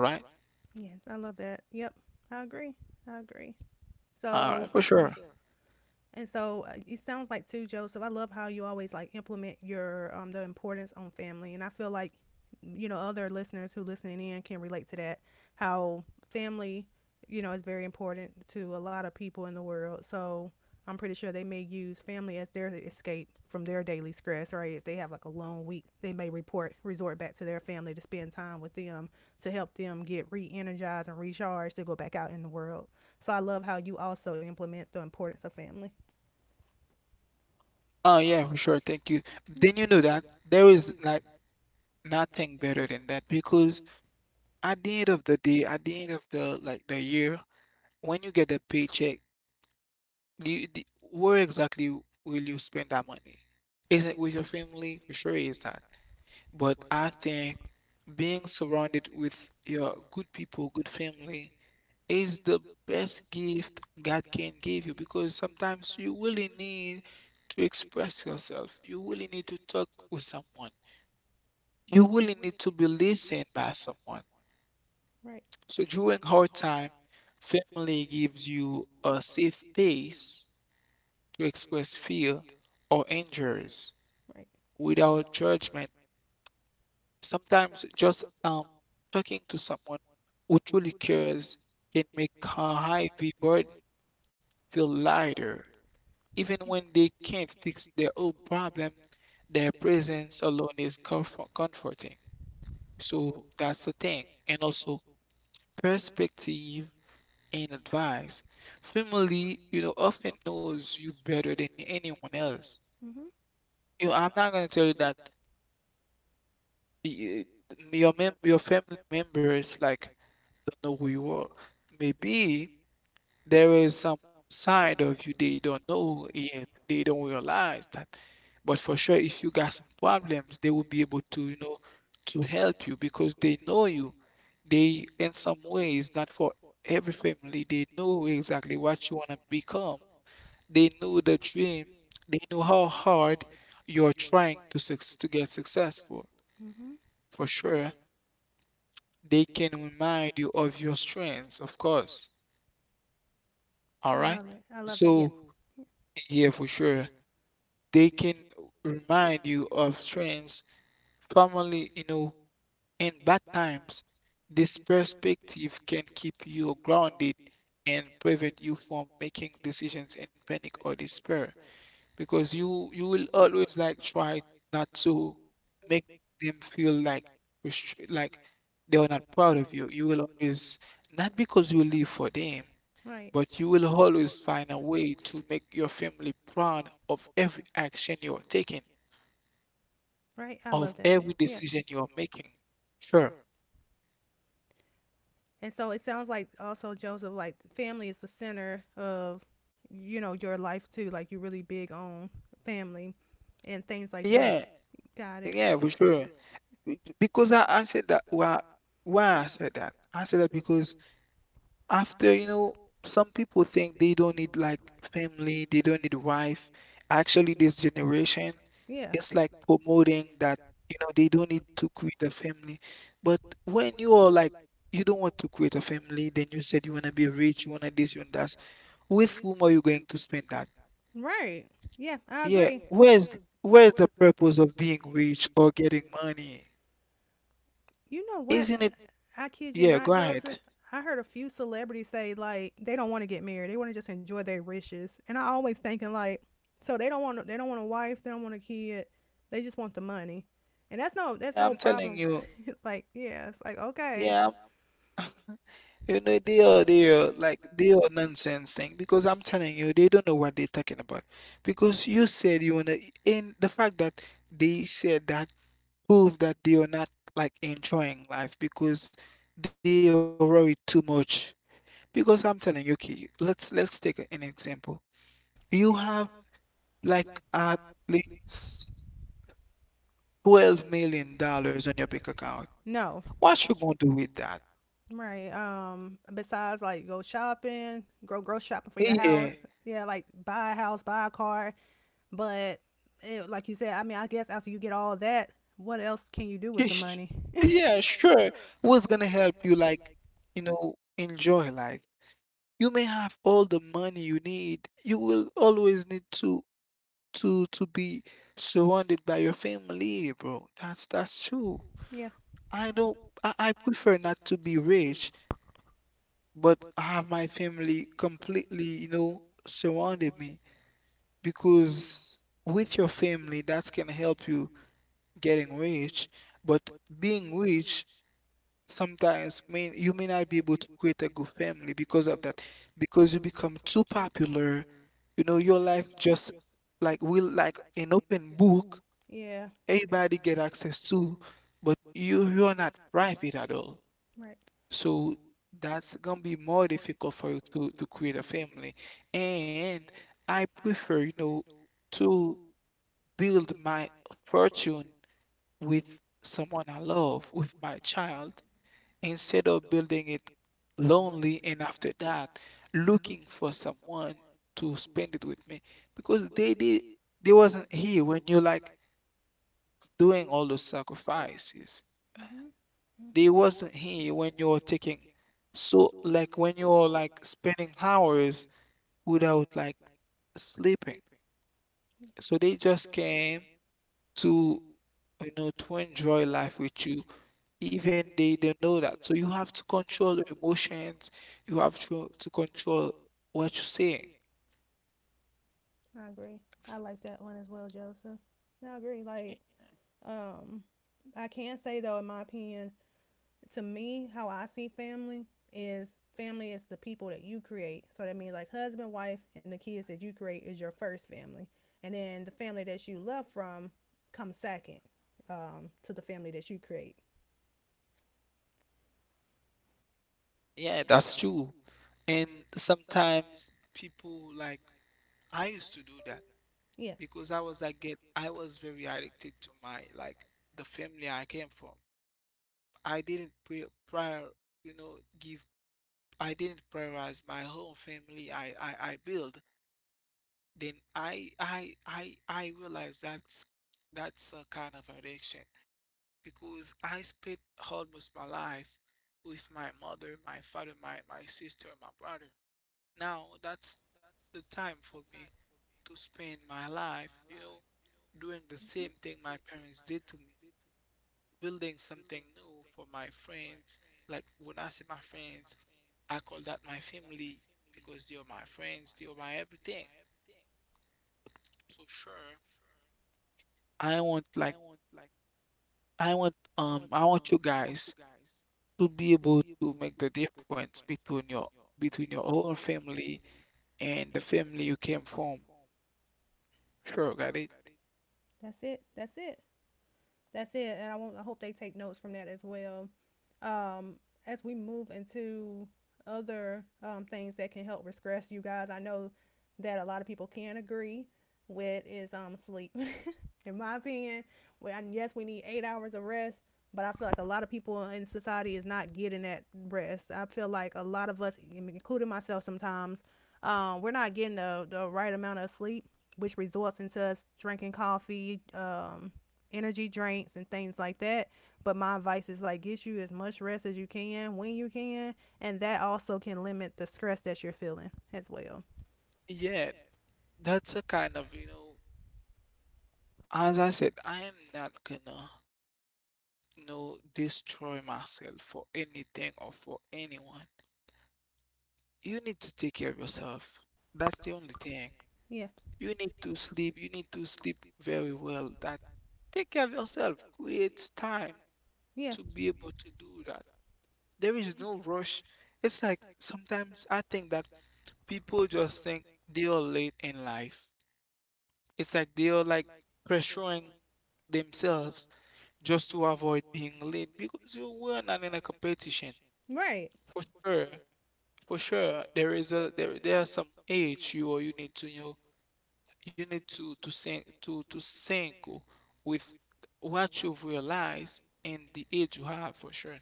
All right.
Yes, I love that. Yep. I agree. I agree. So.
All right, for sure.
And so, uh, it sounds like too, Joseph. I love how you always like implement your um the importance on family, and I feel like, you know, other listeners who listening in can relate to that. How family, you know, is very important to a lot of people in the world. So I'm pretty sure they may use family as their escape from their daily stress, right? If they have like a long week, they may report resort back to their family to spend time with them, to help them get re-energized and recharged to go back out in the world. So I love how you also implement the importance of family.
Oh yeah, for sure. Thank you.
You-
Then you know that there is like nothing better than that, because at the end of the day, at the end of the like the year, when you get a paycheck, You, the, where exactly will you spend that money? Is it with your family? For sure, it is that. But I think being surrounded with your good people, good family, is the best gift God can give you, because sometimes you really need to express yourself. You really need to talk with someone. You really need to be listened by someone.
Right,
So during hard time, family gives you a safe space to express fear or injuries
right.
without judgment. Sometimes just um, talking to someone who truly cares can make a heavy burden feel lighter. Even when they can't fix their own problem, their presence alone is comfort- comforting. So that's the thing. And also, perspective and advice. Family, you know, often knows you better than anyone else.
Mhm.
You know, I'm not gonna tell you that y- your mem- your family members like don't know who you are. Maybe there is some side of you they don't know yet. They don't realize that. But for sure, if you got some problems, they will be able to, you know, to help you because they know you. They, in some ways, not for every family, they know exactly what you want to become. They know the dream. They know how hard you're trying to suc to get successful.
Mhm.
For sure, they can remind you of your strengths, of course.
I
All
love
right.
it. I love that. Yeah,
So, yeah, for sure. They can remind you of strengths. Family, you know, in bad times, this perspective can keep you grounded and prevent you from making decisions in panic or despair, because you you will always like try not to make them feel like restri- like they are not proud of you. You will always, not because you live for them,
right,
but you will always find a way to make your family proud of every action you are taking,
right. I
of
love that.
every
Yeah.
decision you are making. Sure.
And so it sounds like also Joseph, like family is the center of, you know, your life too. Like you're really big on family and things like that.
Yeah,
Got it.
yeah, for sure. Be- Because I, I said that. Why, why I said that? I said that because, after, you know, some people think they don't need like family, they don't need wife. Actually, this generation
Yeah.
is like promoting that, you know, they don't need to create a family. But when you are like, you don't want to create a family, then you said you want to be rich, you want to this, you want that. With whom are you going to spend that?
Right. Yeah, I
Yeah,
agree.
where's where's the purpose of being rich or getting money?
You know what?
Isn't it?
I kid you
Yeah,
not,
go
Joseph.
ahead.
I heard a few celebrities say like they don't want to get married. They want to just enjoy their riches. And I always thinking like, so they don't want, they don't want a wife. They don't want a kid. They just want the money. And that's no, that's
Yeah,
no
I'm telling
problem.
you.
Like, yeah, it's like okay. Yeah.
Yeah, you know, they are they are like they are nonsense thing because I'm telling you, they don't know what they're talking about. Because you said you wanna, in the fact that they said that prove that they are not like enjoying life because they are worried too much. Because I'm telling you, okay, let's let's take an example. You have like at least twelve million dollars on your bank account.
No,
What you gonna do with that?
right. Um, besides like go shopping, go grocery shopping for your
Yeah,
house. Yeah, yeah, like buy a house, buy a car. But it, like you said, I mean, I guess after you get all that, what else can you do with
yeah,
the
sh-
money?
yeah, sure. What's gonna help you, like, you know, enjoy life? You may have all the money you need. You will always need to to to be surrounded by your family, bro. That's that's true.
Yeah.
I don't. I, I prefer not to be rich, but I have my family completely, you know, surrounded me, because with your family, that's gonna help you getting rich. But being rich sometimes may you may not be able to create a good family because of that, because you become too popular. You know, your life just like will like an open book.
Yeah.
Everybody get access to, but you you're not private at all,
Right.
so that's gonna be more difficult for you to to create a family. And I prefer, you know to build my fortune with someone I love, with my child, instead of building it lonely and after that looking for someone to spend it with me, because they did, they wasn't here when you're like doing all those sacrifices.
Mhm. Mhm.
They wasn't here when you're taking, so like when you're like spending hours without like sleeping.
Yeah,
So they just came to, you know to enjoy life with you. Even they don't know that. So you have to control your emotions. You have to to control what you say.
I agree. I like that one as well, Joseph. I agree. Like, um, I can say though, in my opinion, to me, how I see family is family is the people that you create. So that means like husband, wife, and the kids that you create is your first family, and then the family that you love from comes second, um, to the family that you create.
Yeah, that's true. And sometimes people, like, I used to do that,
Yeah.
because I was like get I was very addicted to my, like, the family I came from. I didn't pre prior you know give I didn't prioritize my whole family I I I build. Then I I I I realized that's that's a kind of addiction, because I spent almost my life with my mother, my father, my, my sister, my brother. Now that's the time for me to spend my life, you know, doing the same thing my parents did to me, building something new for my friends. Like when I say my friends, I call that my family because they are my friends, they are my everything. For sure, I want like I want um I want you guys to be able to make the difference between your, between your own family and the family you came from. Sure, got it.
That's it. That's it, that's it. And I want, I hope they take notes from that as well. Um, as we move into other, um, things that can help regress you guys, I know that a lot of people can agree with is um sleep. In my opinion, well, yes, we need eight hours of rest, but I feel like a lot of people in society is not getting that rest. I feel like a lot of us, including myself, sometimes, um, we're not getting the the right amount of sleep, which results into us drinking coffee, um, energy drinks and things like that. But my advice is like get you as much rest as you can when you can, and that also can limit the stress that you're feeling as well.
Yeah, that's a kind of, you know, as I said, I am not gonna, you know, destroy myself for anything or for anyone. You need to take care of yourself. That's the only thing.
Yeah,
You need to sleep. You need to sleep very well. That. Take care of yourself. Create time
yeah,
to be able to do that. There is no rush. It's like sometimes I think that people just think they are late in life. It's like they are like pressuring themselves just to avoid being late, because you were not in a competition.
right.
For sure, for sure, there is a there there are some age you or you need to, you know, you need to to sink to to sync with what you've realized and the age you have, for sure.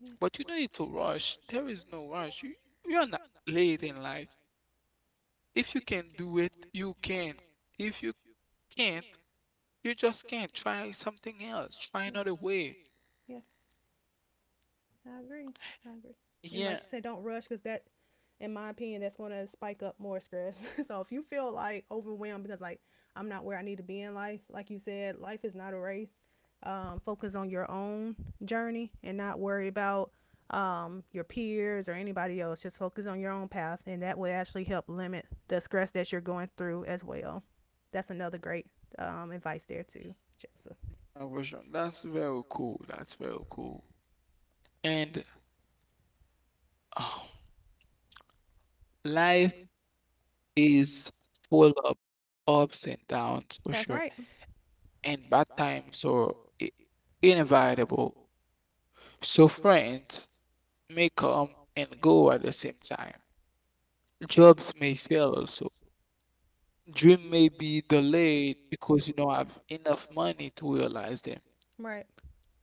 Yeah.
But you don't need to rush. There is no rush. You you are not late in life. If you can do it, you can. If you can't, you just can't. Try something else. Try another way.
Yeah. Yeah. I agree. I agree. And like
Yeah,
yeah, you said, don't rush because that, in my opinion, that's going to spike up more stress. So if you feel like overwhelmed because like I'm not where I need to be in life, like you said, life is not a race. Um, focus on your own journey and not worry about, um, your peers or anybody else. Just focus on your own path, and that will actually help limit the stress that you're going through as well. That's another great, um, advice there too, Jessa.
uh, Rajan, that's very cool. That's very cool. And oh, life is full of ups and downs for
That's
sure,
right.
and bad times are i- inevitable. So friends may come and go at the same time. Jobs may fail, also dream may be delayed because you don't have enough money to realize them,
Right.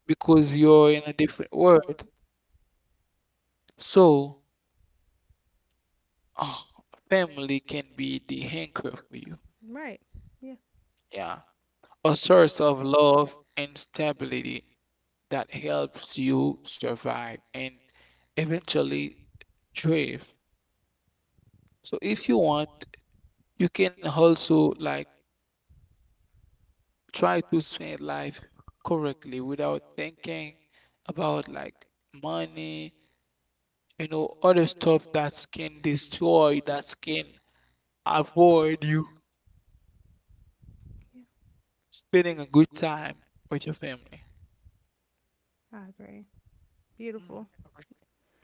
because you're in a different world. So uh, family can be the anchor for you,
Right. Yeah.
yeah, a source of love and stability that helps you survive and eventually thrive. So if you want, you can also, like, try to spend life correctly without thinking about, like, money, you know, other stuff that can destroy, that can avoid you
Yeah.
spending a good time with your family.
I agree.
Mm,
Beautiful.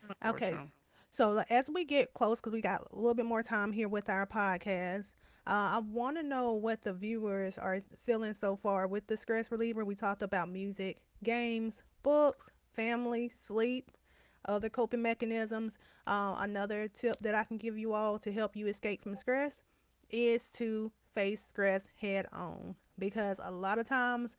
For sure, for
Okay,
sure.
so like, as we get close, because we got a little bit more time here with our podcast, uh, I want to know what the viewers are feeling so far with the stress reliever. We talked about music, games, books, family, sleep, other coping mechanisms. Uh, another tip that I can give you all to help you escape from stress is to face stress head on, because a lot of times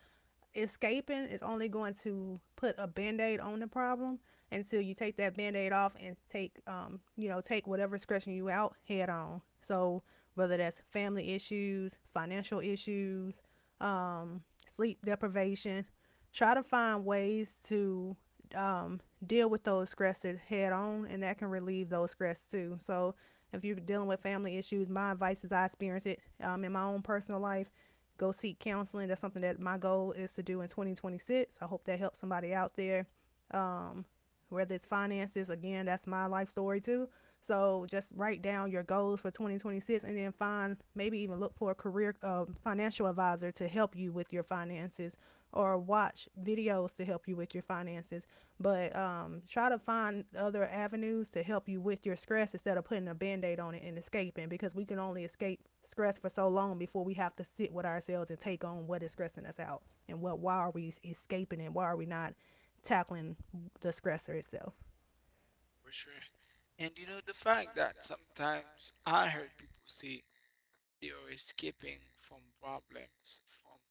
escaping is only going to put a band-aid on the problem until you take that band-aid off and take, um, you know, take whatever's scratching you out head on. So whether that's family issues, financial issues, um sleep deprivation, try to find ways to, um, deal with those stressors head on, and that can relieve those stress too. So, if you're dealing with family issues, my advice is I experience it, um, in my own personal life. Go seek counseling. That's something that my goal is to do in twenty twenty-six. I hope that helps somebody out there, um, whether it's finances, again, that's my life story too. So just write down your goals for twenty twenty-six and then find, maybe even look for a career, uh, financial advisor to help you with your finances or watch videos to help you with your finances. But um, try to find other avenues to help you with your stress instead of putting a band aid on it and escaping, because we can only escape stress for so long before we have to sit with ourselves and take on what is stressing us out and what, why are we escaping and why are we not tackling the stressor itself.
For sure. And you know, the fact that sometimes I heard people say they are escaping from problems, from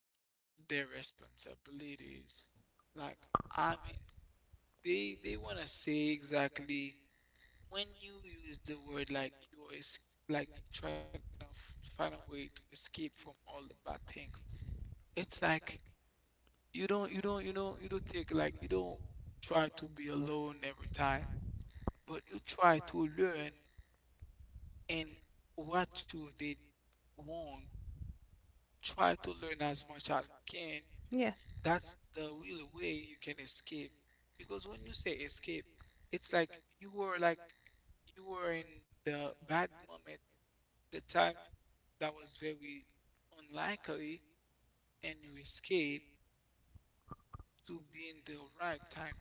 their responsibilities. Like, I mean, they they want to say exactly when you use the word, like, you are like you try to f- find a way to escape from all the bad things. It's like you don't you don't you know, you don't take, like, you don't try to be alone every time, but you try to learn and what you did wrong. Try to learn as much as you can.
Can. Yeah.
That's the real way you can escape. Because when you say escape, it's like you were like you were in the bad moment, the time that was very unlikely, and you escape to be in the right time.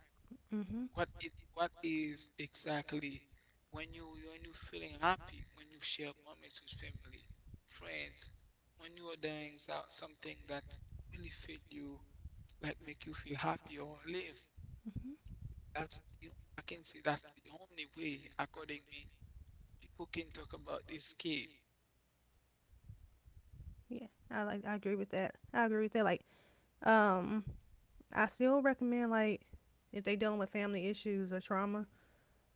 Mhm.
What it what is exactly when you, when you feeling happy, when you share moments with family, friends, when you are doing so- something that really fit you, like make you feel happy or live.
Mhm.
That's the, I can say that's the only way, according me, people can talk about escape.
Yeah. I like. I agree with that. I agree with that. Like, um, I still recommend like if they dealing with family issues or trauma,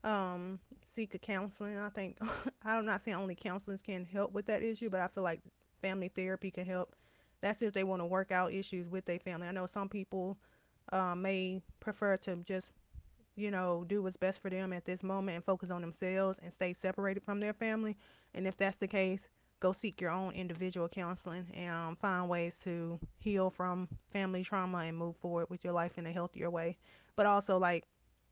um, seek a counseling. I think I'm not saying only counselors can help with that issue, but I feel like family therapy can help. That's if they want to work out issues with their family. I know some people, uh, may prefer to just, you know, do what's best for them at this moment and focus on themselves and stay separated from their family. And if that's the case, go seek your own individual counseling and, um, find ways to heal from family trauma and move forward with your life in a healthier way. But also, like,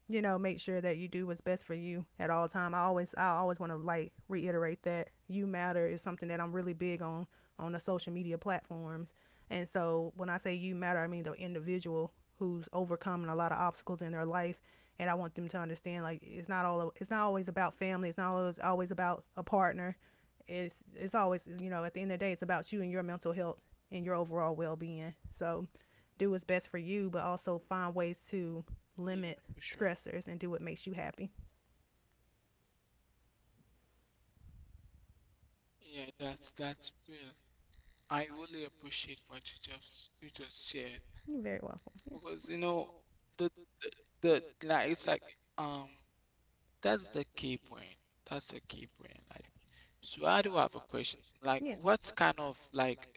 you know, make sure that you do what's best for you at all time. I always I always want to like reiterate that you matter is something that I'm really big on on the social media platforms. And so when I say you matter, I mean the individual who's overcoming a lot of obstacles in their life, and I want them to understand like it's not all it's not always about family, it's not always, always about a partner. It's it's always, you know, at the end of the day it's about you and your mental health and your overall well-being. So do what's best for you, but also find ways
Yeah, for
to
sure.
limit stressors and do what makes you happy.
Yeah, that's that's real. I really appreciate what you just, you just shared,
You're very
because you
welcome.
know
Yeah.
the the, the like it's like, um that's the key point. That's the key point. Like, so I do have a question. Like, what kind
Yeah.
of, like, game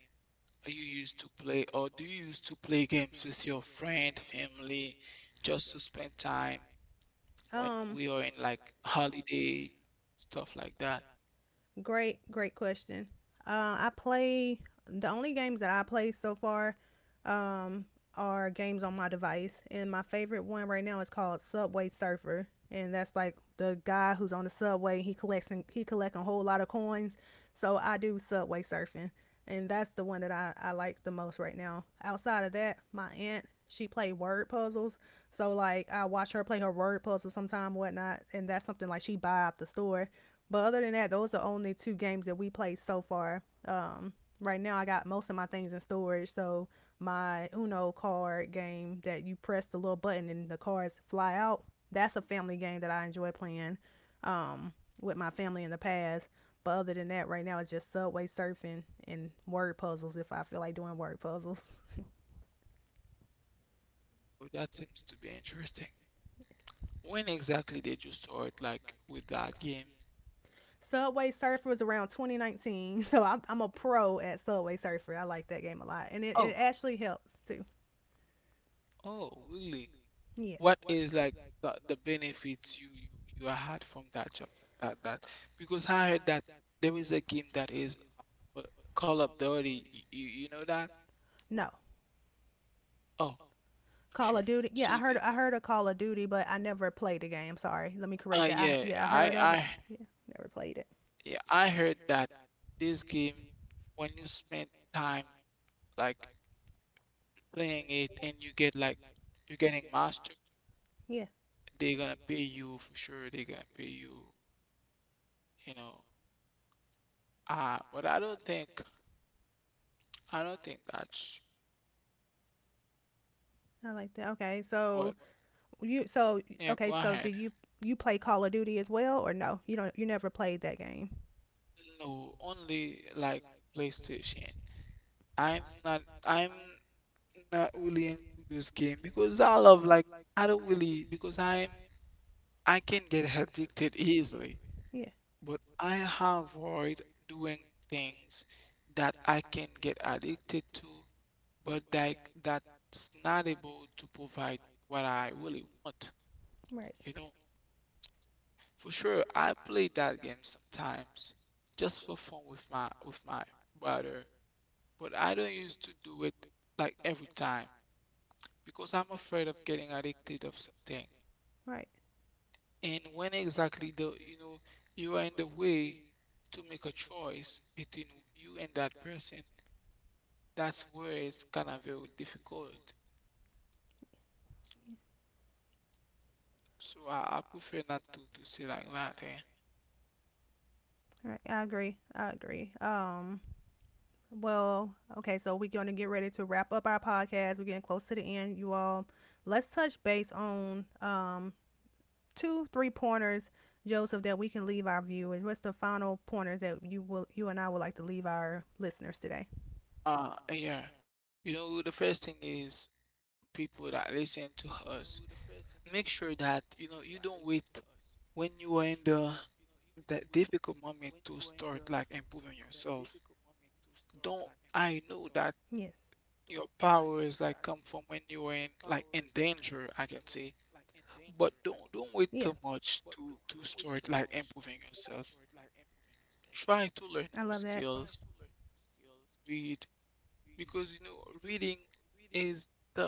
are you used to play, or do you used to play games with your friend, family, just to spend time when we are in,
Um,
like, holiday, stuff like that?
Great, great question. Uh, I play, the only games that I play so far, um, are games on my device, and my favorite one right now is called Subway Surfer, and that's like the guy who's on the subway. He collects he collects a whole lot of coins, so I do subway surfing. And that's the one that I, I like the most right now. Outside of that, my aunt, she played word puzzles. So like I watch her play her word puzzles sometime, whatnot, and that's something like she buy at the store. But other than that, those are only two games that we played so far. Um, right now I got most of my things in storage, so my Uno card game that you press the little button and the cards fly out, that's a family game that I enjoy playing. Um, with my family in the past. But other than that, right now it's just subway surfing and word puzzles if I feel like doing word puzzles.
Well, that seems to be interesting. When exactly did you start, like, with that game?
Subway Surfer was around twenty nineteen, so I'm, I'm a pro at Subway Surfer. I like that game a lot, and it, it
Oh,
actually helps too.
oh, really?
Yes.
What is like the, the benefits you, you you had from that job? That that because I heard that there is a game that is uh, Call of Duty. You, you you know that?
No.
Oh, for
Call of
sure.
Duty. Yeah, I
So,
heard
the-,
I heard of Call of Duty, but I never played the game. Sorry, let me correct
uh,
that. I,
yeah,
yeah, I
I
heard of it.
I
Yeah, never played it.
yeah I heard that this game, when you spend time, like, playing it, and you get like you're getting master,
Yeah,
they're gonna pay you for sure. They're gonna pay you, you know. Uh, but I don't think I don't think that.
I like that. Okay, so
But
you so
yeah, go
okay, so do
ahead.
you, you play Call of Duty as well or no? You don't, you never played that game.
No, only like PlayStation. I'm not I'm not really into this game because I love like I don't really because I'm I can get addicted easily,
Yeah.
but I avoid doing things that I can get addicted to, but like that's not able to provide what I really want,
Right.
you know. For sure, I played that game sometimes, just for fun with my with my brother. But I don't used to do it like every time, because I'm afraid of getting addicted of something.
Right.
And when exactly the you know you are in the way to make a choice between you and that person, that's where it's kind of very difficult. So I, I prefer not to to say like that. eh.
Right. I agree. I agree. Um well, okay, so we're going to get ready to wrap up our podcast. We're getting close to the end, you all. Let's touch base on um two three pointers, Joseph, that we can leave our viewers. What's the final pointers that you will you and I would like to leave our listeners today?
Uh, yeah. You know, the first thing is people that listen to us, make sure that, you know, you don't wait when you are in the that difficult moment to start, like, improving yourself.
Yes.
Don't, I know that your powers, like, come from when you are in like in danger, I can say.
Yeah.
But don't don't wait too much to to start, like, improving yourself.
I love.
Try to learn new skills, read, because you know, reading is the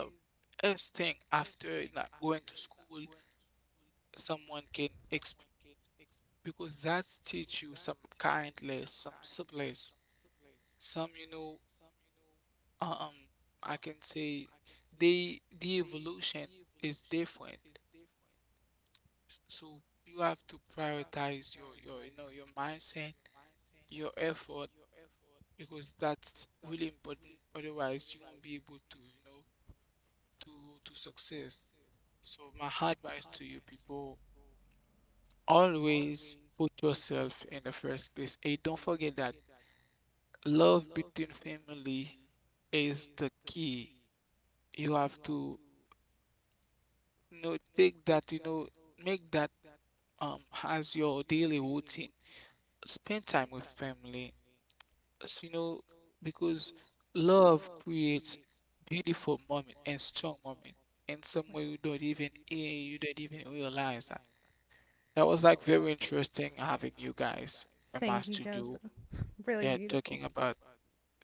best thing after not going to school. Someone can experience, because that's teach you some kindness, some subtleness, some you know um I can say they, the evolution is different. So you have to prioritize your your you know your mindset, your effort, because that's really important. Otherwise, you won't be able to, you know, to to success. So my advice to you people, always put yourself in the first place. And don't forget that love between family is the key. You have to, you know, take that, you know, make that um as your daily routine. Spend time with family. As you know, because love creates beautiful moment and strong moment in some way you don't even hear, you don't even realize that. That was like very interesting having you guys in
Thank.
my studio.
Really,
Yeah,
yeah.
talking about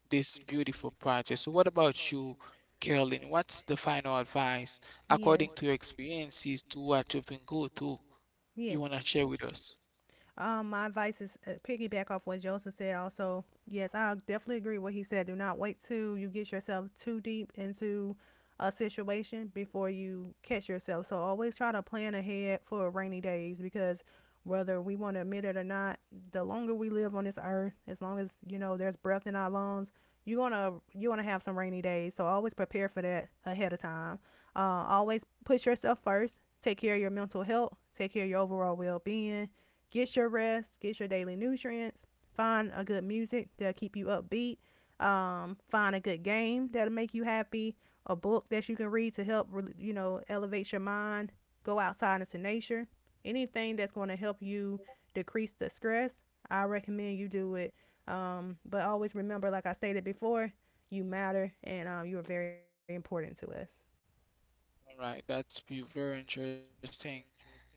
this beautiful project. So what about you, Carolyn? What's the final advice
Yes.
according to your experiences, to what you've been go through
Through.
you
Yes.
wanna share with us?
Um, my advice is uh, piggyback off what Joseph said. Also, yes, I definitely agree what he said. Do not wait till you get yourself too deep into a situation before you catch yourself. So always try to plan ahead for rainy days because whether we want to admit it or not, the longer we live on this earth, as long as you know there's breath in our lungs, you're gonna you're gonna have some rainy days. So always prepare for that ahead of time. Uh, always put yourself first. Take care of your mental health. Take care of your overall well being. Get your rest. Get your daily nutrients. Find a good music that'll keep you upbeat. Um, find a good game that'll make you happy. A book that you can read to help, you know, elevate your mind. Go outside into nature. Anything that's going to help you decrease the stress, I recommend you do it. Um, but always remember, like I stated before, you matter and um, you are very important to us.
All right, that's be very interesting.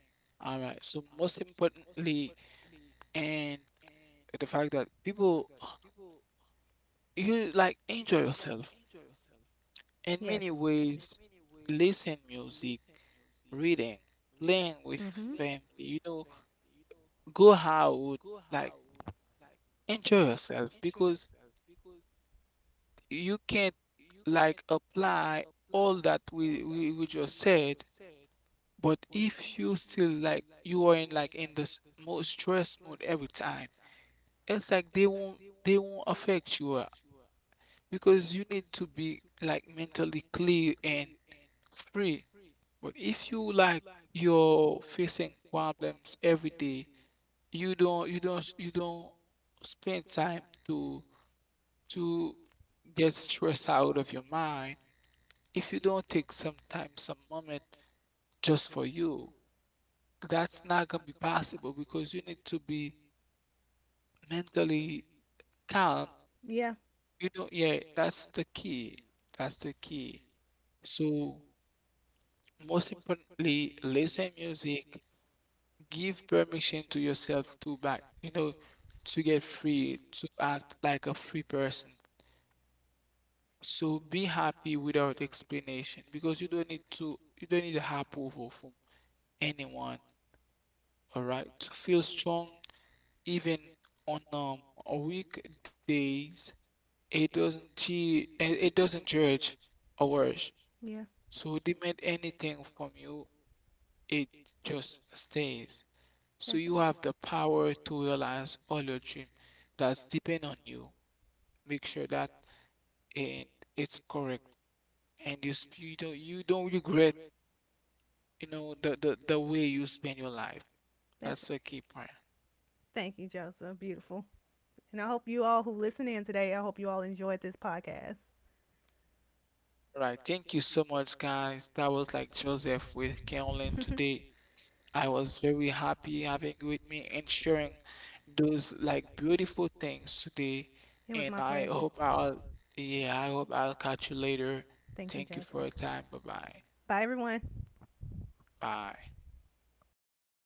All right, so most importantly, and the fact that people, you like, enjoy yourself
Yes.
in many ways, listen music, reading, playing
Mm-hmm.
with family, you know, go out, like, enjoy yourself, because you can't like apply all that we we, we just said. But if you still like you are in like in this most stress mode every time, it's like they won't they won't affect you, uh, because you need to be like mentally clear and free. But if you like you're facing problems every day, you don't you don't you don't spend time to to get stress out of your mind. If you don't take some time, some moment just for you, that's not gonna be possible, because you need to be mentally calm.
Yeah,
You know, yeah, that's the key. That's the key. So, most importantly, listen music, give permission to yourself to back, you know, to get free, to act like a free person. So be happy without explanation, because you don't need to, you don't need the approval from anyone, all right? To feel strong even on um weekdays, it doesn't gee, it it doesn't judge or worse.
yeah.
So demand anything from you, it just stays. So
That's
you
right.
have the power to realize all your dream, that's depend on you. Make sure that and it's correct, and you, sp- you don't you don't regret, you know, the, the, the way you spend your life.
That's
That's a key
right.
point.
Thank you, Joseph. Beautiful. And I hope you all who listen in today, I hope you all enjoyed this podcast.
Right. Thank you so
Right.
much, guys. That was like Joseph with Carolyn
Can.
today. I was very happy having you with me and sharing those like beautiful things today.
It was
And
my
I
pleasure.
hope
I i.
I'll, yeah, I hope I'll catch you later.
Thank you, thank
Thank
you
you for
Joseph.
your time. Bye bye.
Bye, everyone.
Bye.